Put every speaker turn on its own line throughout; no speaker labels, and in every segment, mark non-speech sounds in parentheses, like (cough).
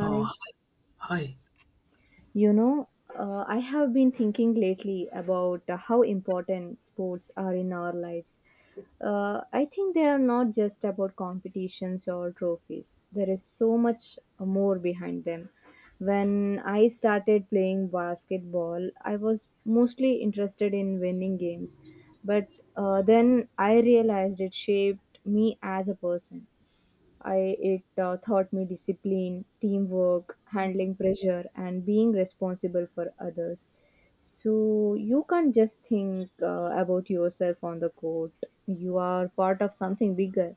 Uh, Hi.
You know, I have been thinking lately about how important sports are in our lives. I think they are not just about competitions or trophies. There is so much more behind them. When I started playing basketball, I was mostly interested in winning games, but then I realized it shaped me as a person. I it taught me discipline, teamwork, handling pressure, and being responsible for others. So you can't just think about yourself on the court. You are part of something bigger.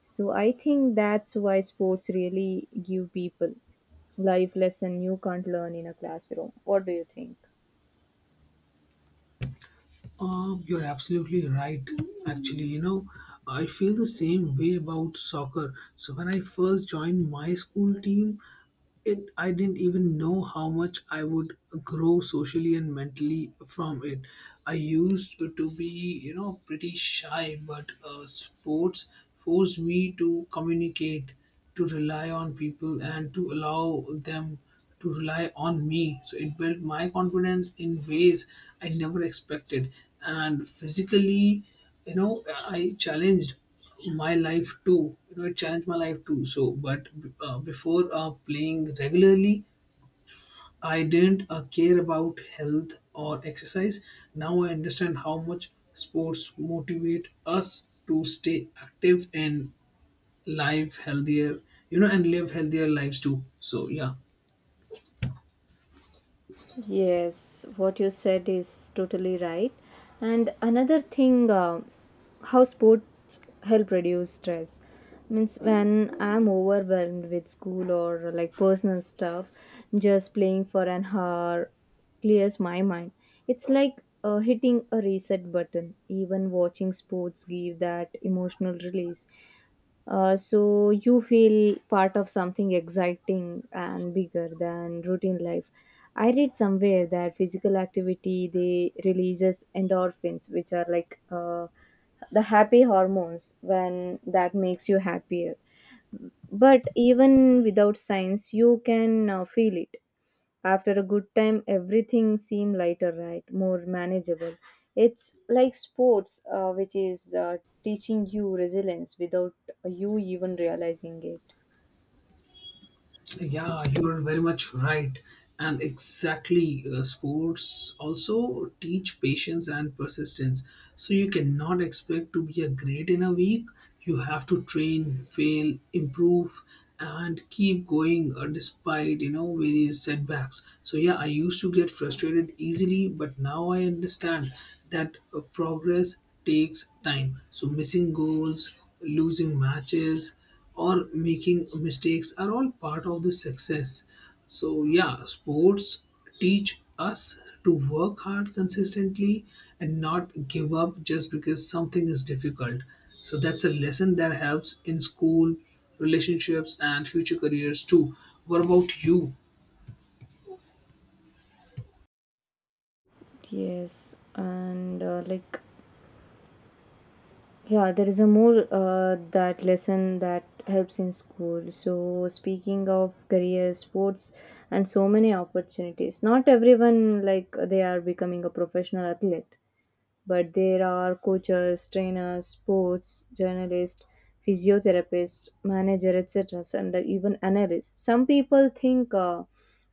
So I think that's why sports really give people life lesson you can't learn in a classroom. What do you think?
You're absolutely right. Actually, I feel the same way about soccer. So when I first joined my school team, it I didn't even know how much I would grow socially and mentally from it. I used to be, pretty shy, but sports forced me to communicate, to rely on people, and to allow them to rely on me. So it built my confidence in ways I never expected. And physically, I challenged my life too. It challenged my life too. So, but before playing regularly, I didn't care about health or exercise. Now I understand how much sports motivate us to stay active and live healthier, you know, and live healthier lives too. So, yeah.
Yes, what you said is totally right. And another thing, how sports help reduce stress. Means when I'm overwhelmed with school or like personal stuff, just playing for an hour clears my mind. It's like hitting a reset button. Even watching sports give that emotional release. So you feel part of something exciting and bigger than routine life. I read somewhere that physical activity they releases endorphins, which are like the happy hormones when that makes you happier. But even without science, you can feel it. After a good time, everything seem lighter, right? More manageable. It's like sports, which is teaching you resilience without you even realizing it.
Yeah, you're very much right. And exactly, sports also teach patience and persistence. So you cannot expect to be a great in a week. You have to train, fail, improve, and keep going despite various setbacks. So yeah, I used to get frustrated easily, but now I understand that progress takes time. So missing goals, losing matches, or making mistakes are all part of the success. So, yeah, sports teach us to work hard consistently and not give up just because something is difficult. So, that's a lesson that helps in school, relationships, and future careers too. What about you?
Yes, and like Yeah, there is a more that lesson that helps in school. So speaking of career, sports, and so many opportunities, not everyone like they are becoming a professional athlete, but there are coaches, trainers, sports journalists, physiotherapists, managers, etc., and even analysts. Some people think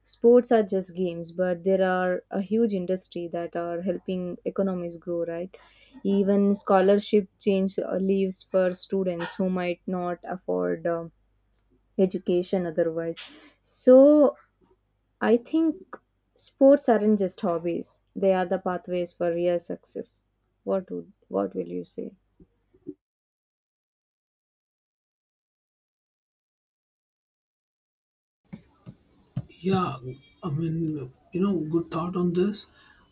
sports are just games, but there are a huge industry that are helping economies grow. Right? Even scholarship change leaves for students who might not afford education otherwise. So I think sports aren't just hobbies. They are the pathways for real success. What will you say?
Yeah, I mean, good thought on this.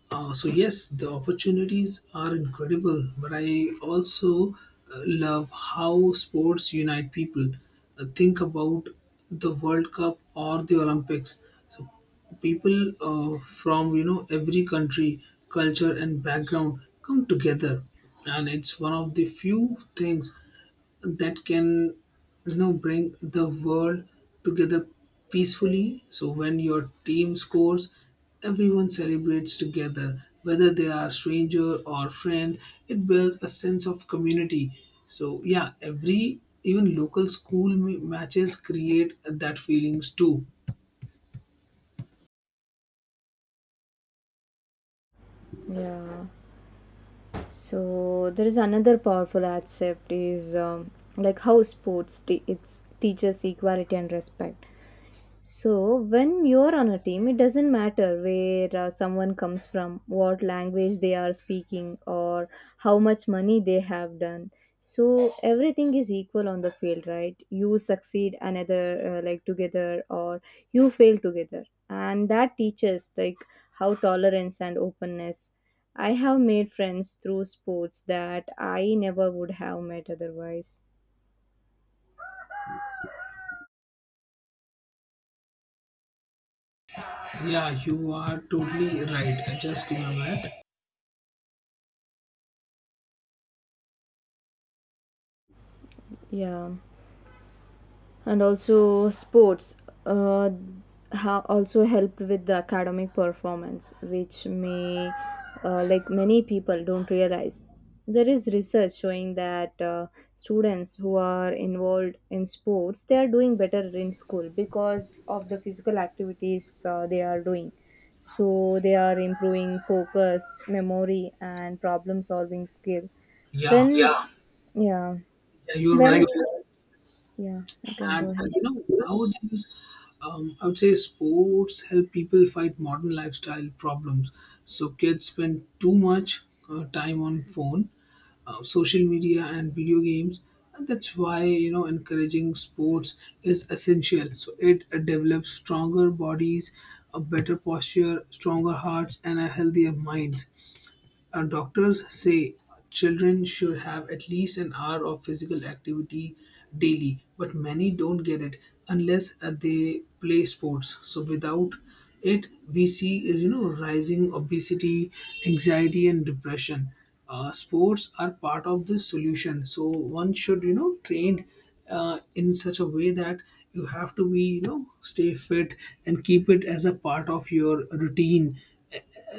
So, yes, the opportunities are incredible, but I also love how sports unite people. Think about the World Cup or the Olympics. So, people from every country, culture, and background come together, and it's one of the few things that can bring the world together peacefully. So when your team scores, everyone celebrates together, whether they are stranger or friend. It builds a sense of community. So yeah, every even local school matches create that feelings too.
Yeah. So there is another powerful aspect is like how sports te- it's teaches equality and respect. So when you're on a team, it doesn't matter where someone comes from, what language they are speaking, or how much money they have done. So everything is equal on the field, right? You succeed another, together, or you fail together. And that teaches, like, how tolerance and openness. I have made friends through sports that I never would have met otherwise.
Yeah, you are totally right. I just remember that.
Yeah. And also sports uh, also helped with the academic performance which may many people don't realize. There is research showing that students who are involved in sports they are doing better in school because of the physical activities they are doing. So they are improving focus memory and problem solving skill.
Yeah,
When Yeah. Yeah,
yeah, you're
when you
right.
yeah, you can go
And
ahead.
nowadays, I would say sports help people fight modern lifestyle problems. So kids spend too much time on phone, social media, and video games. And that's why encouraging sports is essential. So it develops stronger bodies, a better posture, stronger hearts, and a healthier minds. Doctors say children should have at least an hour of physical activity daily, but many don't get it unless they play sports. So without it, we see rising obesity, anxiety, and depression. Sports are part of the solution. So one should train in such a way that you have to be, stay fit and keep it as a part of your routine,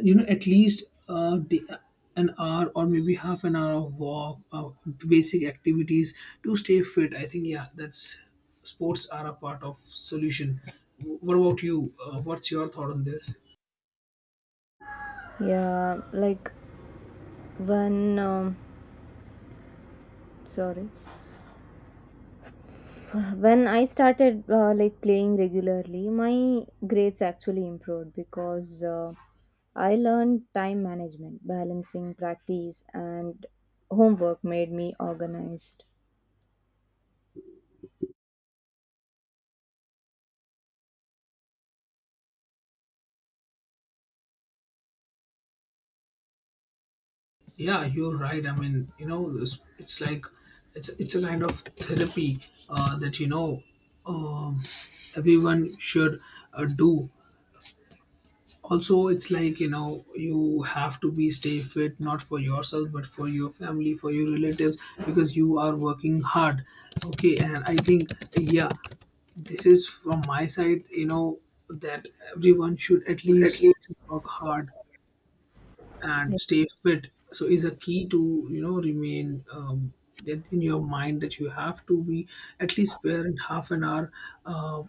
at least an hour or maybe half an hour of walk, basic activities to stay fit. I think, yeah, that's sports are a part of solution. What about you? What's your thought on this?
Yeah, like when um, sorry, when I started playing regularly, my grades actually improved because I learned time management, balancing practice and homework made me organized.
Yeah, you're right. I mean, it's like it's a kind of therapy, that um, everyone should do. Also, it's like, you have to be stay fit, not for yourself but for your family, for your relatives, because you are working hard. Okay, and I think, yeah, this is from my side, that everyone should at
At
least
least.
work hard and stay fit. So is a key to remain, that in your mind that you have to be at least spare in half an hour, uh,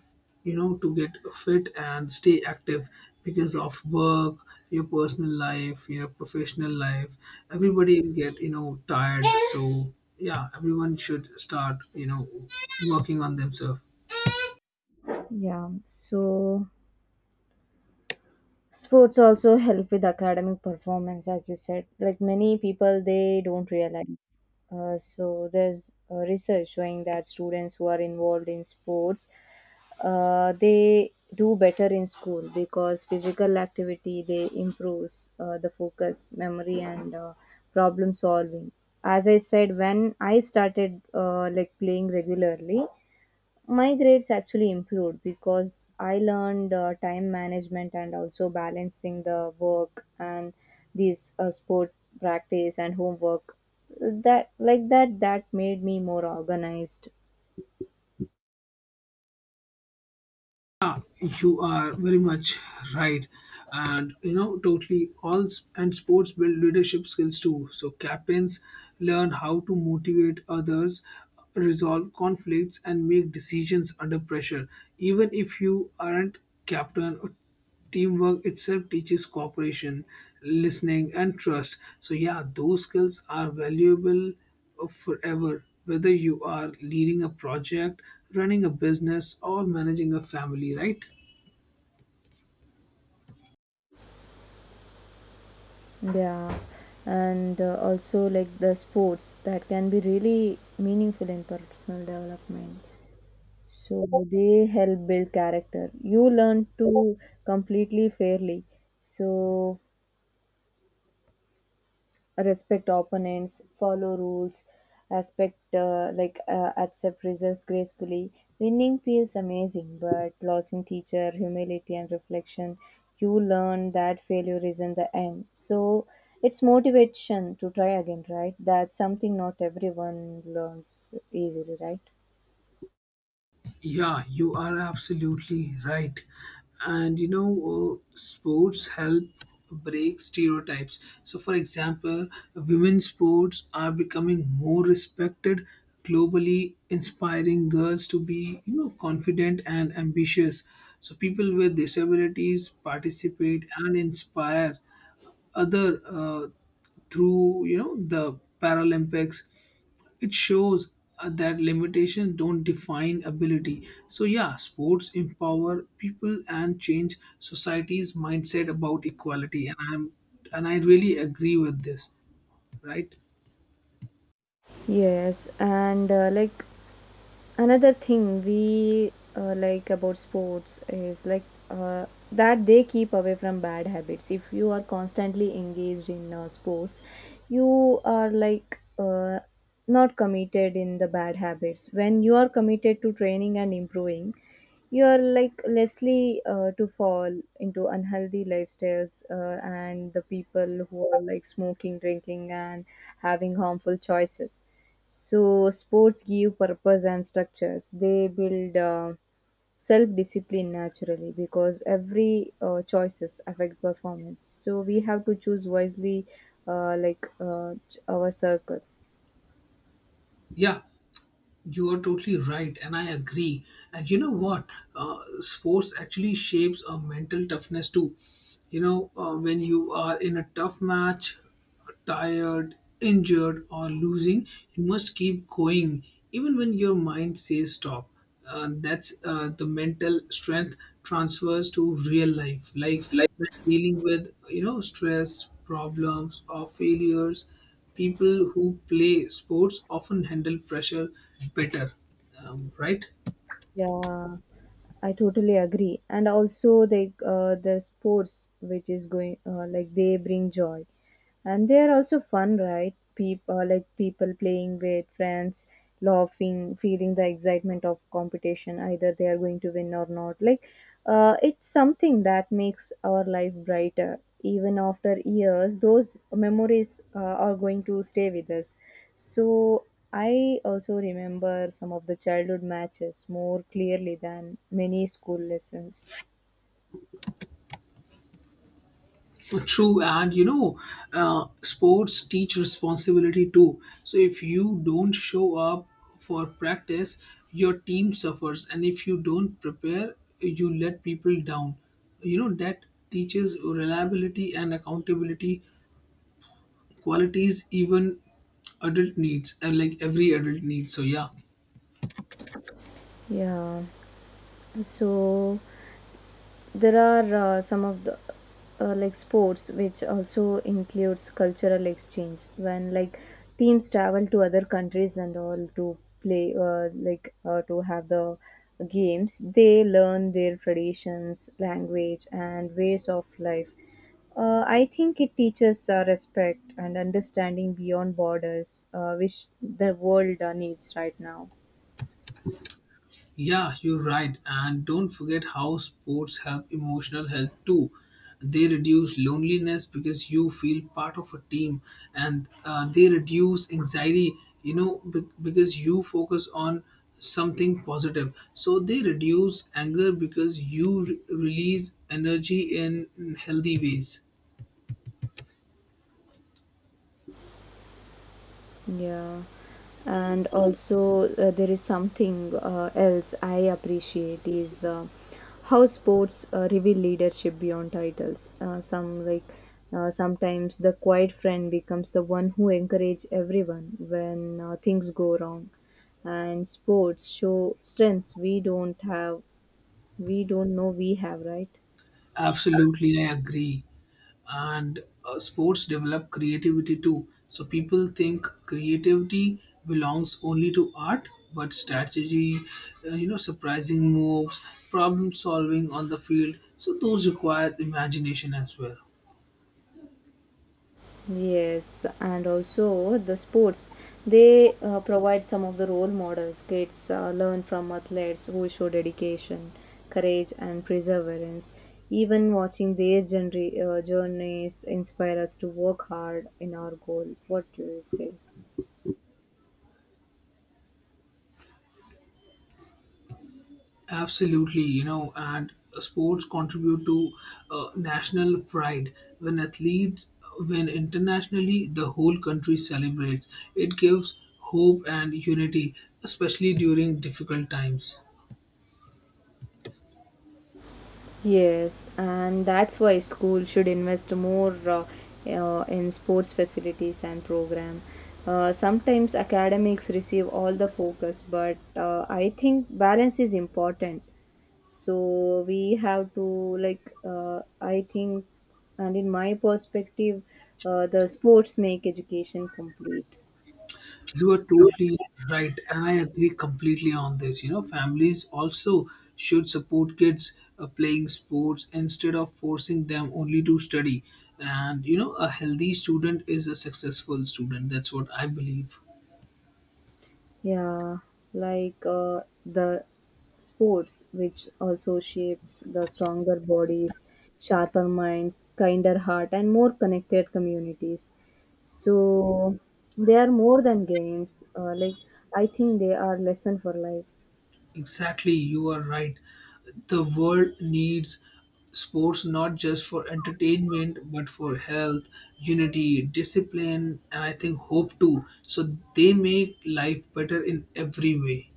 to get fit and stay active. Because of work, your personal life, your professional life, everybody will get tired. So yeah, everyone should start working on themselves.
Yeah, so sports also help with academic performance, as you said. Like many people, they don't realize. So there's research showing that students who are involved in sports they do better in school because physical activity they improves the focus memory and problem solving. As I said, when I started playing regularly, my grades actually improved because I learned time management and also balancing the work and these sport practice and homework that like that that made me more organized.
Yeah, you are very much right, and totally. And sports build leadership skills too. So captains learn how to motivate others, resolve conflicts, and make decisions under pressure. Even if you aren't captain, teamwork itself teaches cooperation, listening, and trust. So, yeah, those skills are valuable forever, whether you are leading a project, running a business, or managing a family, right?
Yeah, and also like the sports that can be really meaningful in personal development. So they help build character. You learn to completely fairly. So respect opponents, follow rules, aspect like accept results gracefully. Winning feels amazing, but losing teacher humility and reflection. You learn that failure isn't the end. So it's motivation to try again, right? That's something not everyone learns easily, right?
Yeah, you are absolutely right. And sports help break stereotypes. So, for example, women's sports are becoming more respected globally, inspiring girls to be, confident and ambitious. So, people with disabilities participate and inspire other, through the paralympics. It shows, that limitations don't define ability. So yeah, sports empower people and change society's mindset about equality. And I really agree with this, right?
Yes, and another thing we about sports is like that they keep away from bad habits. If you are constantly engaged in sports, you are not committed in the bad habits. When you are committed to training and improving, you are like lessly to fall into unhealthy lifestyles, and the people who are like smoking drinking and having harmful choices. So sports give purpose and structures. They build self-discipline naturally because every choices affect performance. So we have to choose wisely, our circle.
Yeah. You are totally right, and I agree. And you know what? Sports actually shapes a mental toughness too. When you are in a tough match, tired, injured, or losing, you must keep going even when your mind says stop. That's, the mental strength transfers to real life,
It's
like
like
when dealing with stress problems or failures. People who play sports often handle pressure better, right?
Yeah, I totally agree. And also, they the sports which is going they bring joy, and they are also fun, right? People like people playing with friends, laughing, feeling the excitement of competition either they are going to win or not like it's something that makes our life brighter. Even after years those memories are going to stay with us. So I also remember some of the childhood matches more clearly than many school lessons.
True, and sports teach responsibility too. So if you don't show up for practice, your team suffers, and if you don't prepare, you let people down. That teaches reliability and accountability qualities, even adult needs, and like every adult needs. So, yeah.
Yeah, so there are some of the sports which also includes cultural exchange when like teams travel to other countries and all to play to have the games. They learn their traditions language and ways of life. I think it teaches respect and understanding beyond borders, which the world needs right now.
Yeah, you're right. And don't forget how sports help emotional health too. They reduce loneliness because you feel part of a team, and they reduce anxiety, because you focus on something positive. So they reduce anger because you release energy in healthy ways.
Yeah. And also, there is something else I appreciate is how sports reveal leadership beyond titles. Sometimes the quiet friend becomes the one who encourage everyone when things go wrong, and sports show strengths we don't have, we don't know we have, right?
Absolutely, I agree. And sports develop creativity too. So people think creativity belongs only to art, but strategy, surprising moves, problem solving on the field. So those require imagination as well.
Yes, and also the sports, they provide some of the role models. Kids learn from athletes who show dedication, courage, and perseverance. Even watching their journeys inspire us to work hard in our goal. What do you say?
Absolutely, and sports contribute to national pride. When athletes win internationally, the whole country celebrates. It gives hope and unity, especially during difficult times.
Yes, and that's why school should invest more in sports facilities and program. Sometimes academics receive all the focus, but I think balance is important. So we have to like uh, I think, and in my perspective, the sports make education complete.
You are totally right, and I agree completely on this. Families also should support kids playing sports instead of forcing them only to study. And a healthy student is a successful student. That's what I believe.
Yeah, like the sports, which also shapes the stronger bodies, sharper minds, kinder heart, and more connected communities. So they are more than games. I think they are lesson for life.
Exactly, you are right. The world needs sports not just for entertainment but for health, unity, discipline, and I think hope too. So they make life better in every way.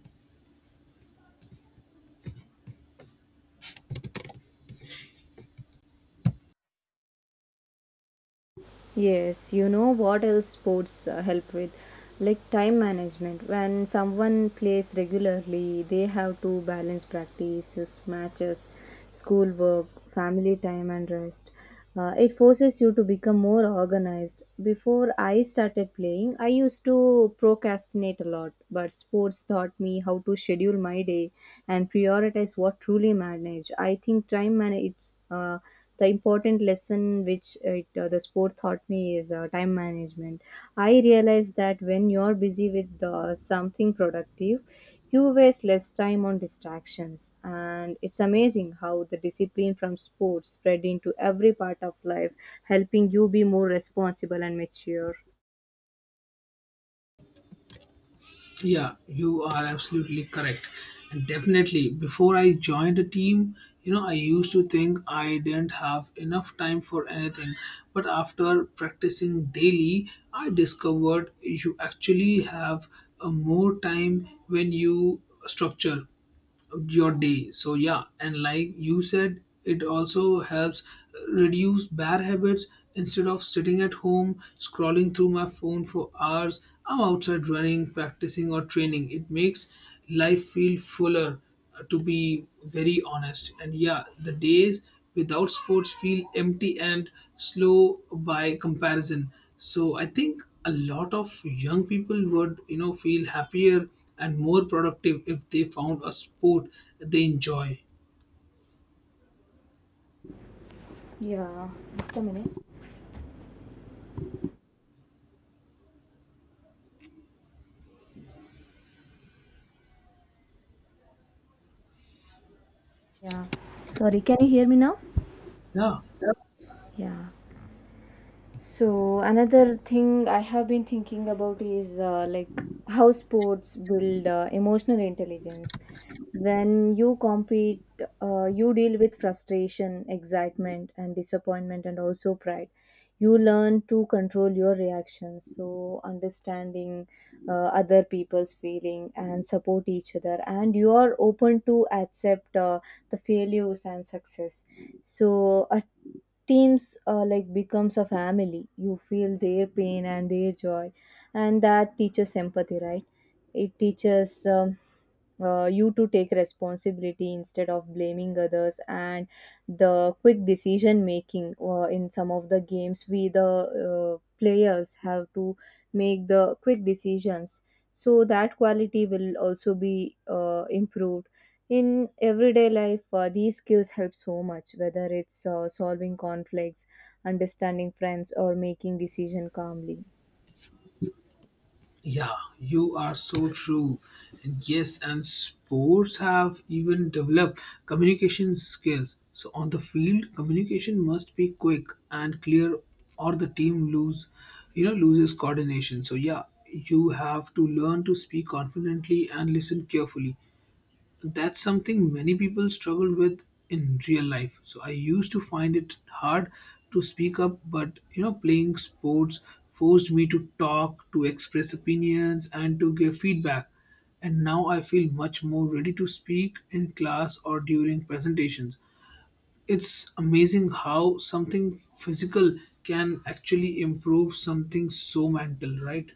Yes, you know what else sports help with? Like time management. When someone plays regularly, they have to balance practices, matches, schoolwork, family time, and rest. It forces you to become more organized. Before I started playing, I used to procrastinate a lot, but sports taught me how to schedule my day and prioritize what truly matters. I think time manage. The important lesson which the sport taught me is time management. I realized that when you're busy with something productive, you waste less time on distractions, and it's amazing how the discipline from sports spread into every part of life, helping you be more responsible and mature.
Yeah, you are absolutely correct. And definitely, before I joined the team, I used to think I didn't have enough time for anything. But after practicing daily, I discovered you actually have a more time when you structure your day. So yeah, and like you said, it also helps reduce bad habits. Instead of sitting at home scrolling through my phone for hours, I'm outside running, practicing, or training. It makes life feel fuller, to be very honest. And yeah, the days without sports feel empty and slow by comparison. So I think a lot of young people would, feel happier and more productive if they found a sport they enjoy.
Yeah, just a minute. Yeah, sorry, can you hear me now?
Yeah.
Yeah. So another thing I have been thinking about is how sports build emotional intelligence. When you compete, you deal with frustration, excitement, and disappointment, and also pride. You learn to control your reactions, so understanding other people's feeling and support each other, and you are open to accept the failures and success. So a teams becomes a family. You feel their pain and their joy, and that teaches empathy, right? It teaches you to take responsibility instead of blaming others, and the quick decision making in some of the games we the players have to make the quick decisions. So that quality will also be improved in everyday life. These skills help so much whether it's solving conflicts, understanding friends, or making decision calmly.
Yeah, you are so true. And yes, and sports have even developed communication skills. So on the field, communication must be quick and clear, or the team loses coordination. So yeah, you have to learn to speak confidently and listen carefully. That's something many people struggle with in real life. So I used to find it hard to speak up, but playing sports forced me to talk, to express opinions, and to give feedback. And now I feel much more ready to speak in class or during presentations. It's amazing how something physical can actually improve something so mental, right?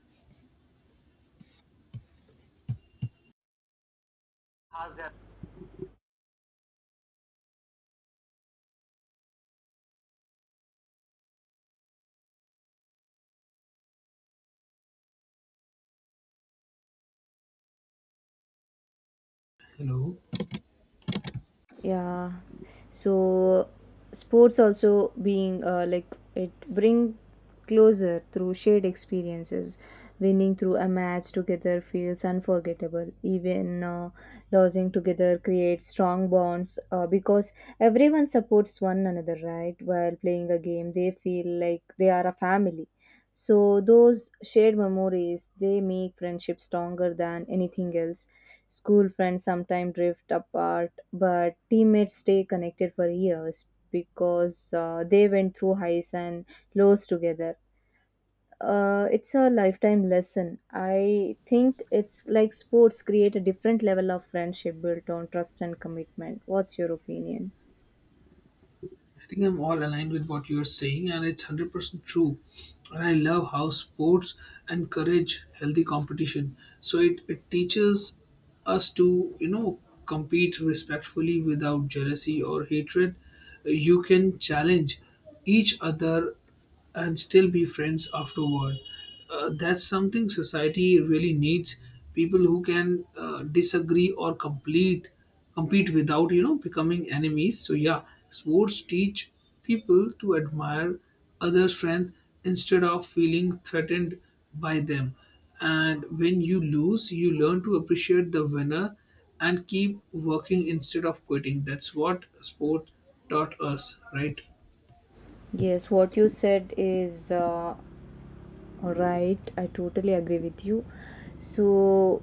Hello.
Yeah, so sports also being it bring closer through shared experiences. Winning through a match together feels unforgettable. Even losing together creates strong bonds because everyone supports one another, right? While playing a game they feel like they are a family. So those shared memories they make friendship stronger than anything else. School friends sometimes drift apart, but teammates stay connected for years because they went through highs and lows together. It's a lifetime lesson. I think it's like sports create a different level of friendship built on trust and commitment. What's your opinion?
I think I'm all aligned with what you're saying, and it's 100% true. And I love how sports encourage healthy competition. So it teaches us to, compete respectfully without jealousy or hatred. You can challenge each other and still be friends afterward. That's something society really needs. People who can disagree or complete compete without becoming enemies. So yeah, sports teach people to admire other strength instead of feeling threatened by them. And when you lose, you learn to appreciate the winner and keep working instead of quitting. That's what sport taught us, right?
Yes, what you said is right. I totally agree with you. So,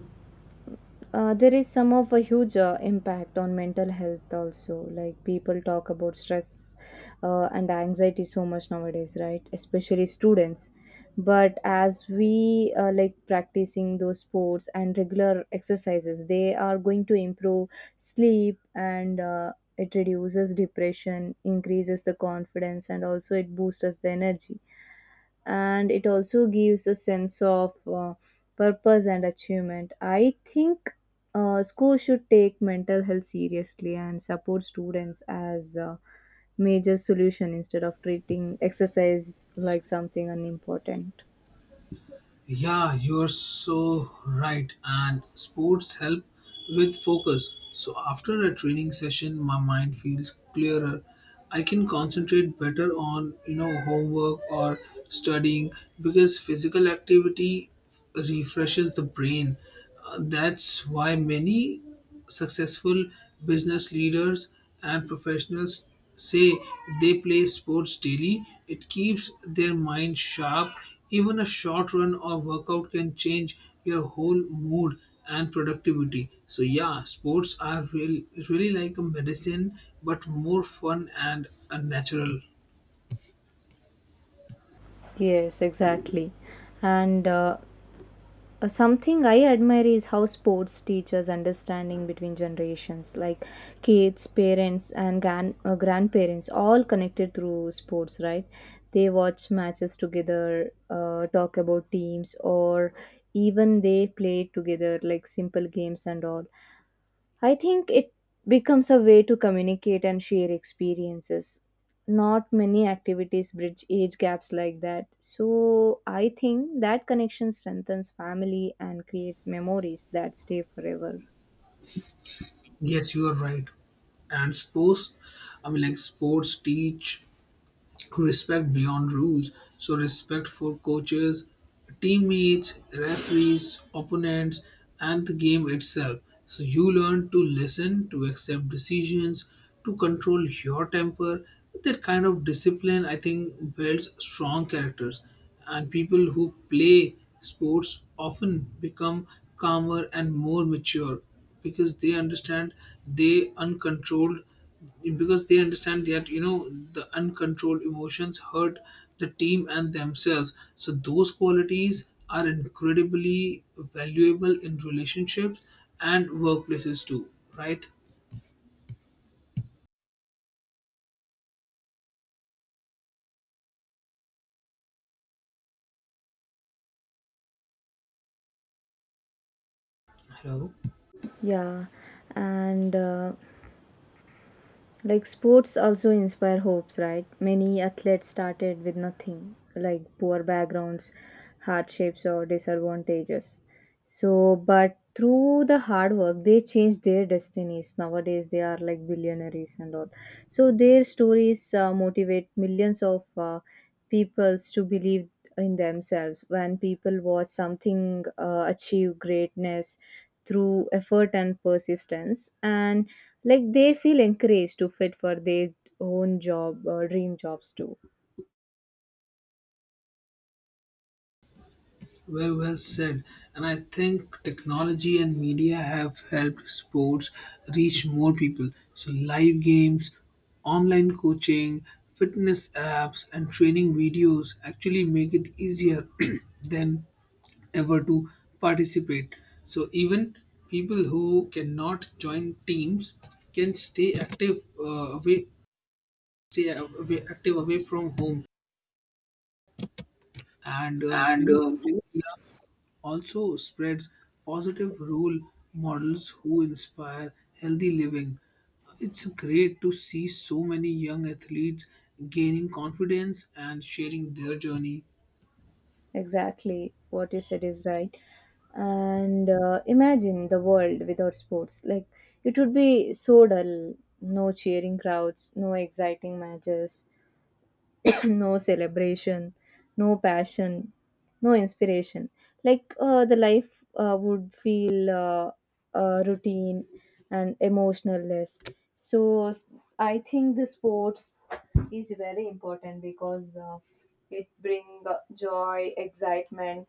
there is some of a huge impact on mental health also, like people talk about stress and anxiety so much nowadays, right? Especially students. But as we like practicing those sports and regular exercises, they are going to improve sleep, and it reduces depression, increases the confidence, and also it boosts the energy, and it also gives a sense of purpose and achievement. I think school should take mental health seriously and support students as a major solution instead of treating exercise like something unimportant.
Yeah, you're so right. And sports help with focus. So after a training session, my mind feels clearer. I can concentrate better on, homework or studying because physical activity refreshes the brain. That's why many successful business leaders and professionals say they play sports daily. It keeps their mind sharp. Even a short run or workout can change your whole mood and productivity. So yeah, sports are really really like a medicine, but more fun and natural.
Yes, exactly. And Something I admire is how sports teaches understanding between generations, like kids, parents, and grandparents, all connected through sports, right? They watch matches together, talk about teams, or even they play together, like simple games and all. I think it becomes a way to communicate and share experiences. Not many activities bridge age gaps like that. So I think that connection strengthens family and creates memories that stay forever.
Yes, you are right and sports I mean like sports teach respect beyond rules. So respect for coaches, teammates, referees, opponents, and the game itself. So you learn to listen, to accept decisions, to control your temper. That kind of discipline, I think, builds strong characters. And people who play sports often become calmer and more mature because they understand they uncontrolled because they understand that the uncontrolled emotions hurt the team and themselves, so those qualities are incredibly valuable in relationships and workplaces too, right? Hello?
Yeah, and like sports also inspire hopes, right? Many athletes started with nothing, like poor backgrounds, hardships, or disadvantages. So, but through the hard work, they changed their destinies. Nowadays, they are like billionaires and all. So, their stories motivate millions of peoples to believe in themselves. When people watch something achieve greatness through effort and persistence, and like they feel encouraged to fit for their own job or dream jobs too.
Very well said. And I think technology and media have helped sports reach more people. So, live games, online coaching, fitness apps, and training videos actually make it easier (clears throat) than ever to participate. So, even people who cannot join teams can stay active, stay away, active away from home, and
And you
know, also spreads positive role models who inspire healthy living. It's great to see so many young athletes gaining confidence and sharing their journey.
Exactly what you said is right. And imagine the world without sports, like it would be so dull. No cheering crowds, no exciting matches, (coughs) (clears throat) no celebration, no passion, no inspiration. Like the life would feel routine and emotionless. So s- I think the sports is very important because it bring joy, excitement,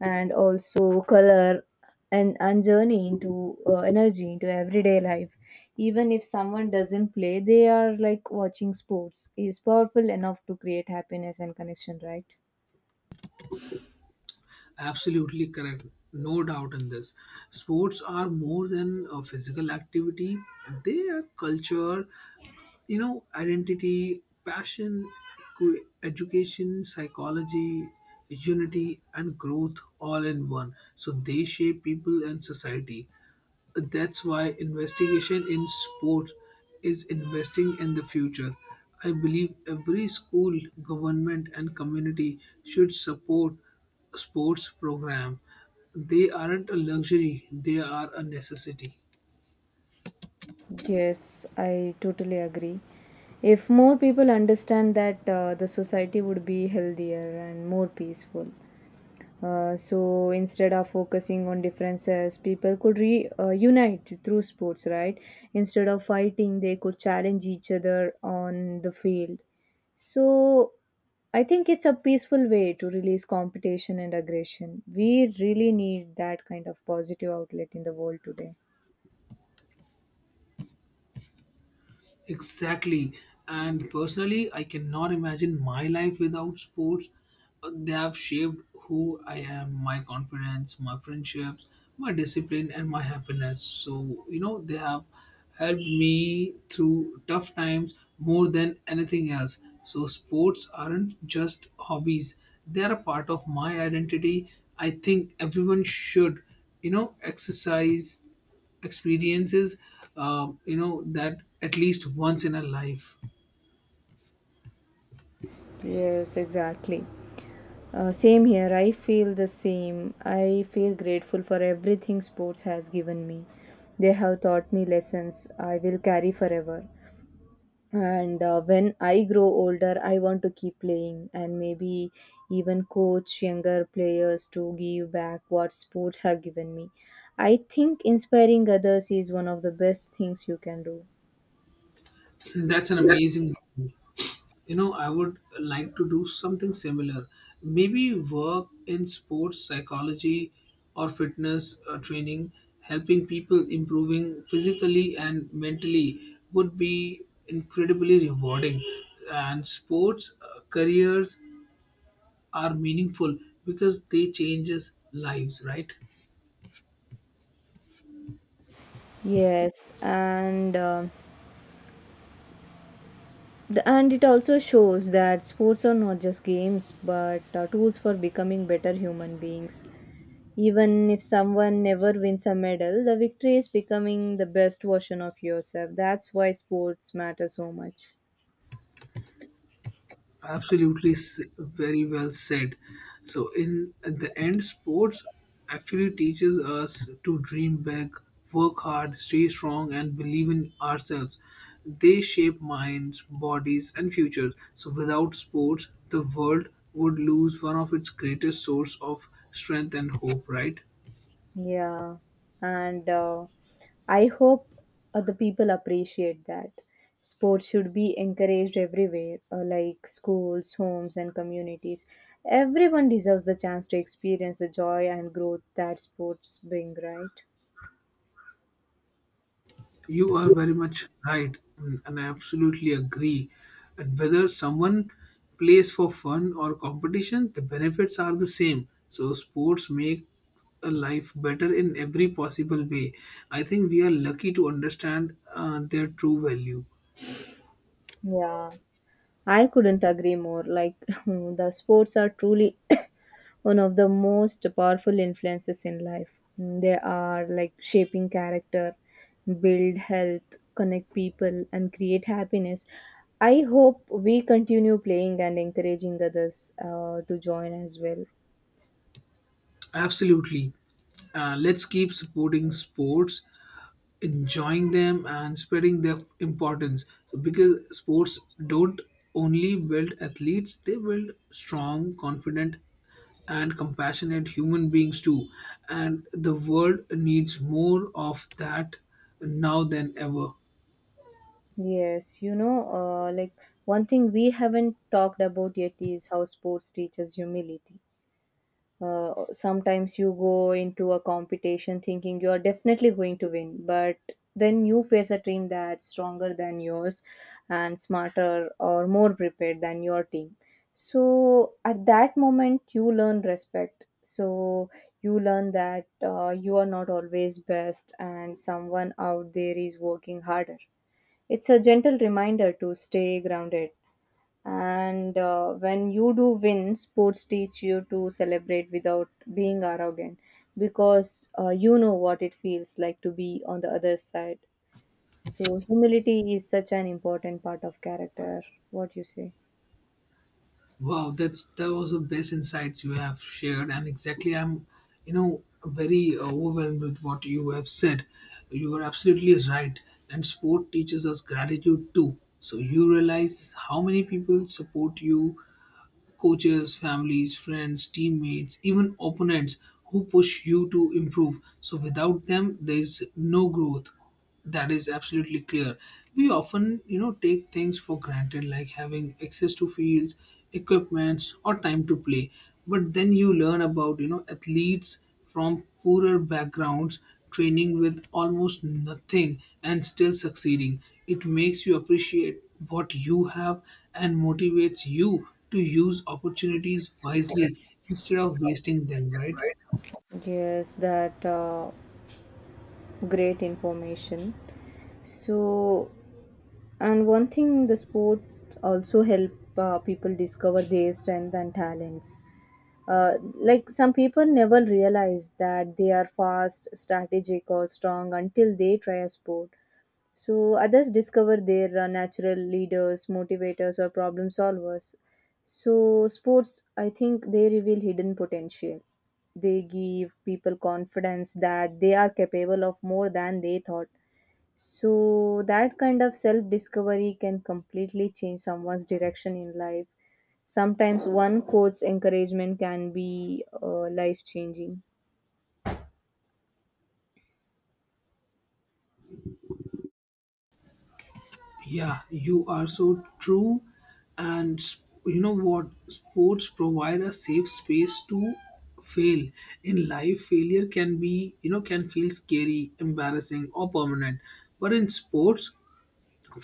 and also color and journey into energy into everyday life. Even if someone doesn't play, they are like watching sports is powerful enough to create happiness and connection, right?
Absolutely correct. No doubt in this. Sports are more than a physical activity, they are culture, you know, identity, passion, education, psychology, unity, and growth all in one. So they shape people and society. That's why investigation in sports is investing in the future. I believe every school, government, and community should support sports program, they aren't a luxury, they are a necessity.
Yes, I totally agree. If more people understand that, the society would be healthier and more peaceful. So instead of focusing on differences, people could unite through sports, right? Instead of fighting, they could challenge each other on the field. So I think it's a peaceful way to release competition and aggression. We really need that kind of positive outlet in the world today.
Exactly. And personally, I cannot imagine my life without sports. They have shaped who I am, my confidence, my friendships, my discipline, and my happiness. So, you know, they have helped me through tough times more than anything else. So, sports aren't just hobbies, they are a part of my identity. I think everyone should, you know, exercise experiences you know, that at least once in a life.
Yes, exactly. Same here. I feel the same. I feel grateful for everything sports has given me. They have taught me lessons I will carry forever. And when I grow older, I want to keep playing and maybe even coach younger players to give back what sports have given me. I think inspiring others is one of the best things you can do.
(laughs) That's an amazing goal. You know, I would like to do something similar, maybe work in sports psychology or fitness training. Helping people improving physically and mentally would be incredibly rewarding, and sports careers are meaningful because they changes lives, right?
Yes, and and it also shows that sports are not just games but tools for becoming better human beings. Even if someone never wins a medal, the victory is becoming the best version of yourself. That's why sports matter so much.
Absolutely, very well said. So, in at the end, sports actually teaches us to dream big, work hard, stay strong, and believe in ourselves. They shape minds, bodies, and futures. So, without sports, the world would lose one of its greatest source of strength and hope. Right?
Yeah, and I hope other people appreciate that. Sports should be encouraged everywhere, like schools, homes, and communities. Everyone deserves the chance to experience the joy and growth that sports bring, right?
You are very much right, and I absolutely agree. And whether someone plays for fun or competition, the benefits are the same. So, sports make a life better in every possible way. I think we are lucky to understand their true value.
Yeah, I couldn't agree more. Like, (laughs) the sports are truly one of the most powerful influences in life. Mm, they are like shaping character, build health, connect people, and create happiness. I hope we continue playing and encouraging others to join as well.
Absolutely. Let's keep supporting sports, enjoying them, and spreading their importance. So because sports don't only build athletes, they build strong, confident, and compassionate human beings too. And the world needs more of that now than ever.
Yes, you know, like one thing we haven't talked about yet is how sports teaches humility. Sometimes you go into a competition thinking you are definitely going to win, but then you face a team that's stronger than yours and smarter or more prepared than your team. So at that moment you learn respect. So you learn that you are not always best and someone out there is working harder. It's a gentle reminder to stay grounded. And when you do win, sports teach you to celebrate without being arrogant because you know what it feels like to be on the other side. So, humility is such an important part of character. What you say?
Wow, that was the best insights you have shared, and exactly, I'm, you know, very overwhelmed with what you have said. You are absolutely right, and sport teaches us gratitude too. So you realize how many people support you: coaches, families, friends, teammates, even opponents who push you to improve. So without them, there is no growth. That is absolutely clear. We often, you know, take things for granted, like having access to fields, equipments, or time to play. But then you learn about, you know, athletes from poorer backgrounds, training with almost nothing and still succeeding. It makes you appreciate what you have and motivates you to use opportunities wisely instead of wasting them, right?
Yes, that. Great information. So, and one thing the sport also help people discover their strength and talents. Like some people never realize that they are fast, strategic, or strong until they try a sport. So others discover their natural leaders, motivators, or problem solvers. So sports, I think they reveal hidden potential. They give people confidence that they are capable of more than they thought. So that kind of self discovery can completely change someone's direction in life. Sometimes one quote's encouragement can be life changing.
Yeah, you are so true. And you know what? Sports provide a safe space to fail. In life, failure can be, you know, can feel scary, embarrassing, or permanent. But in sports,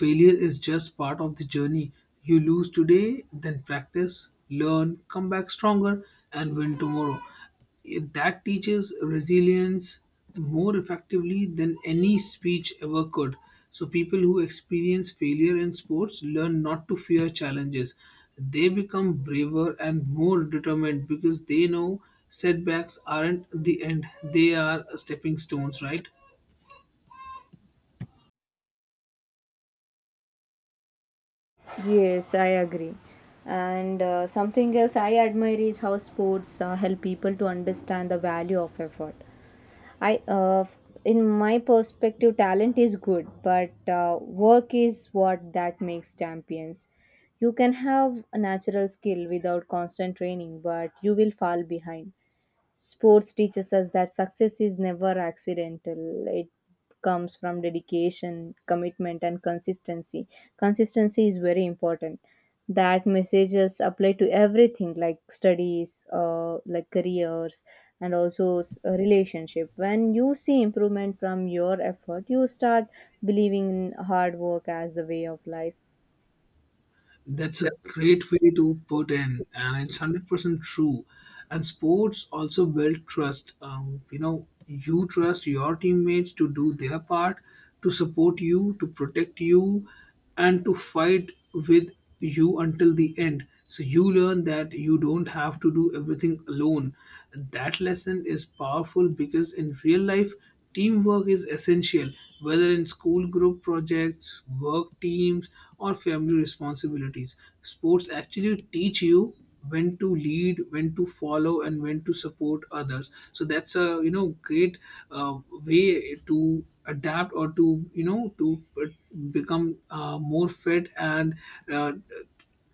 failure is just part of the journey. You lose today, then practice, learn, come back stronger, and win tomorrow. That teaches resilience more effectively than any speech ever could. So, people who experience failure in sports learn not to fear challenges. They become braver and more determined because they know setbacks aren't the end, they are stepping stones, right?
Yes, I agree. And something else I admire is how sports help people to understand the value of effort. I, uh, f- in my perspective, talent is good, but work is what that makes champions. You can have a natural skill without constant training, but you will fall behind. Sports teaches us that success is never accidental. It comes from dedication, commitment, and consistency. Consistency is very important. That messages apply to everything, like studies, like careers, and also a relationship. When you see improvement from your effort, you start believing in hard work as the way of life.
That's a great way to put in, and it's 100% true. And sports also build trust. You know, you trust your teammates to do their part, to support you, to protect you, and to fight with you until the end. So you learn that you don't have to do everything alone. That lesson is powerful because in real life, teamwork is essential, whether in school group projects, work teams, or family responsibilities. Sports actually teach you when to lead, when to follow, and when to support others. So that's a, you know, great way to adapt, or to, you know, to become more fit and uh,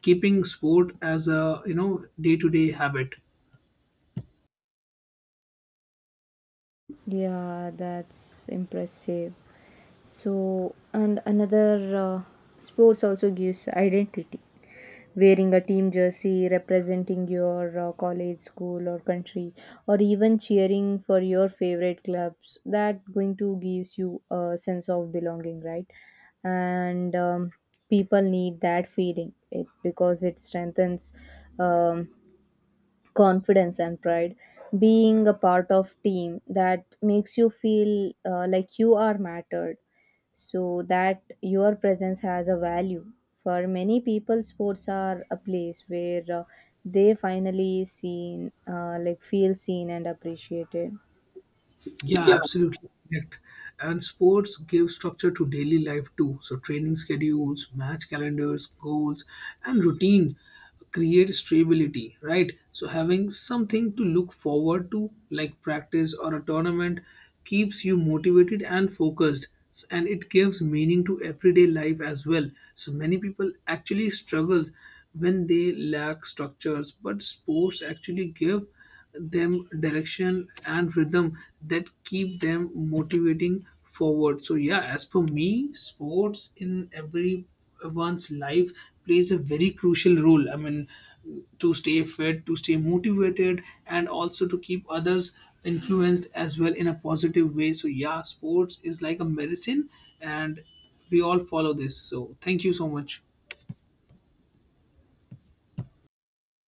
keeping sport as a, you know, day to day habit.
Yeah, that's impressive. So, and another sports also gives identity. Wearing a team jersey, representing your college, school, or country, or even cheering for your favorite clubs, that going to gives you a sense of belonging, right? And people need that feeling it because it strengthens um, confidence and pride. Being a part of team that makes you feel like you are mattered, so that your presence has a value. For many people sports are a place where they finally seen, like feel seen and appreciated.
Yeah, absolutely correct. And sports give structure to daily life too. So training schedules, match calendars, goals, and routine create stability, right? So having something to look forward to, like practice or a tournament, keeps you motivated and focused. And it gives meaning to everyday life as well. So many people actually struggle when they lack structures, but sports actually give them direction and rhythm that keep them motivating forward. So yeah, as per me, sports in everyone's life plays a very crucial role, I mean to stay fit, to stay motivated, and also to keep others influenced as well in a positive way. So yeah, sports is like a medicine, and we all follow this, so thank you so much.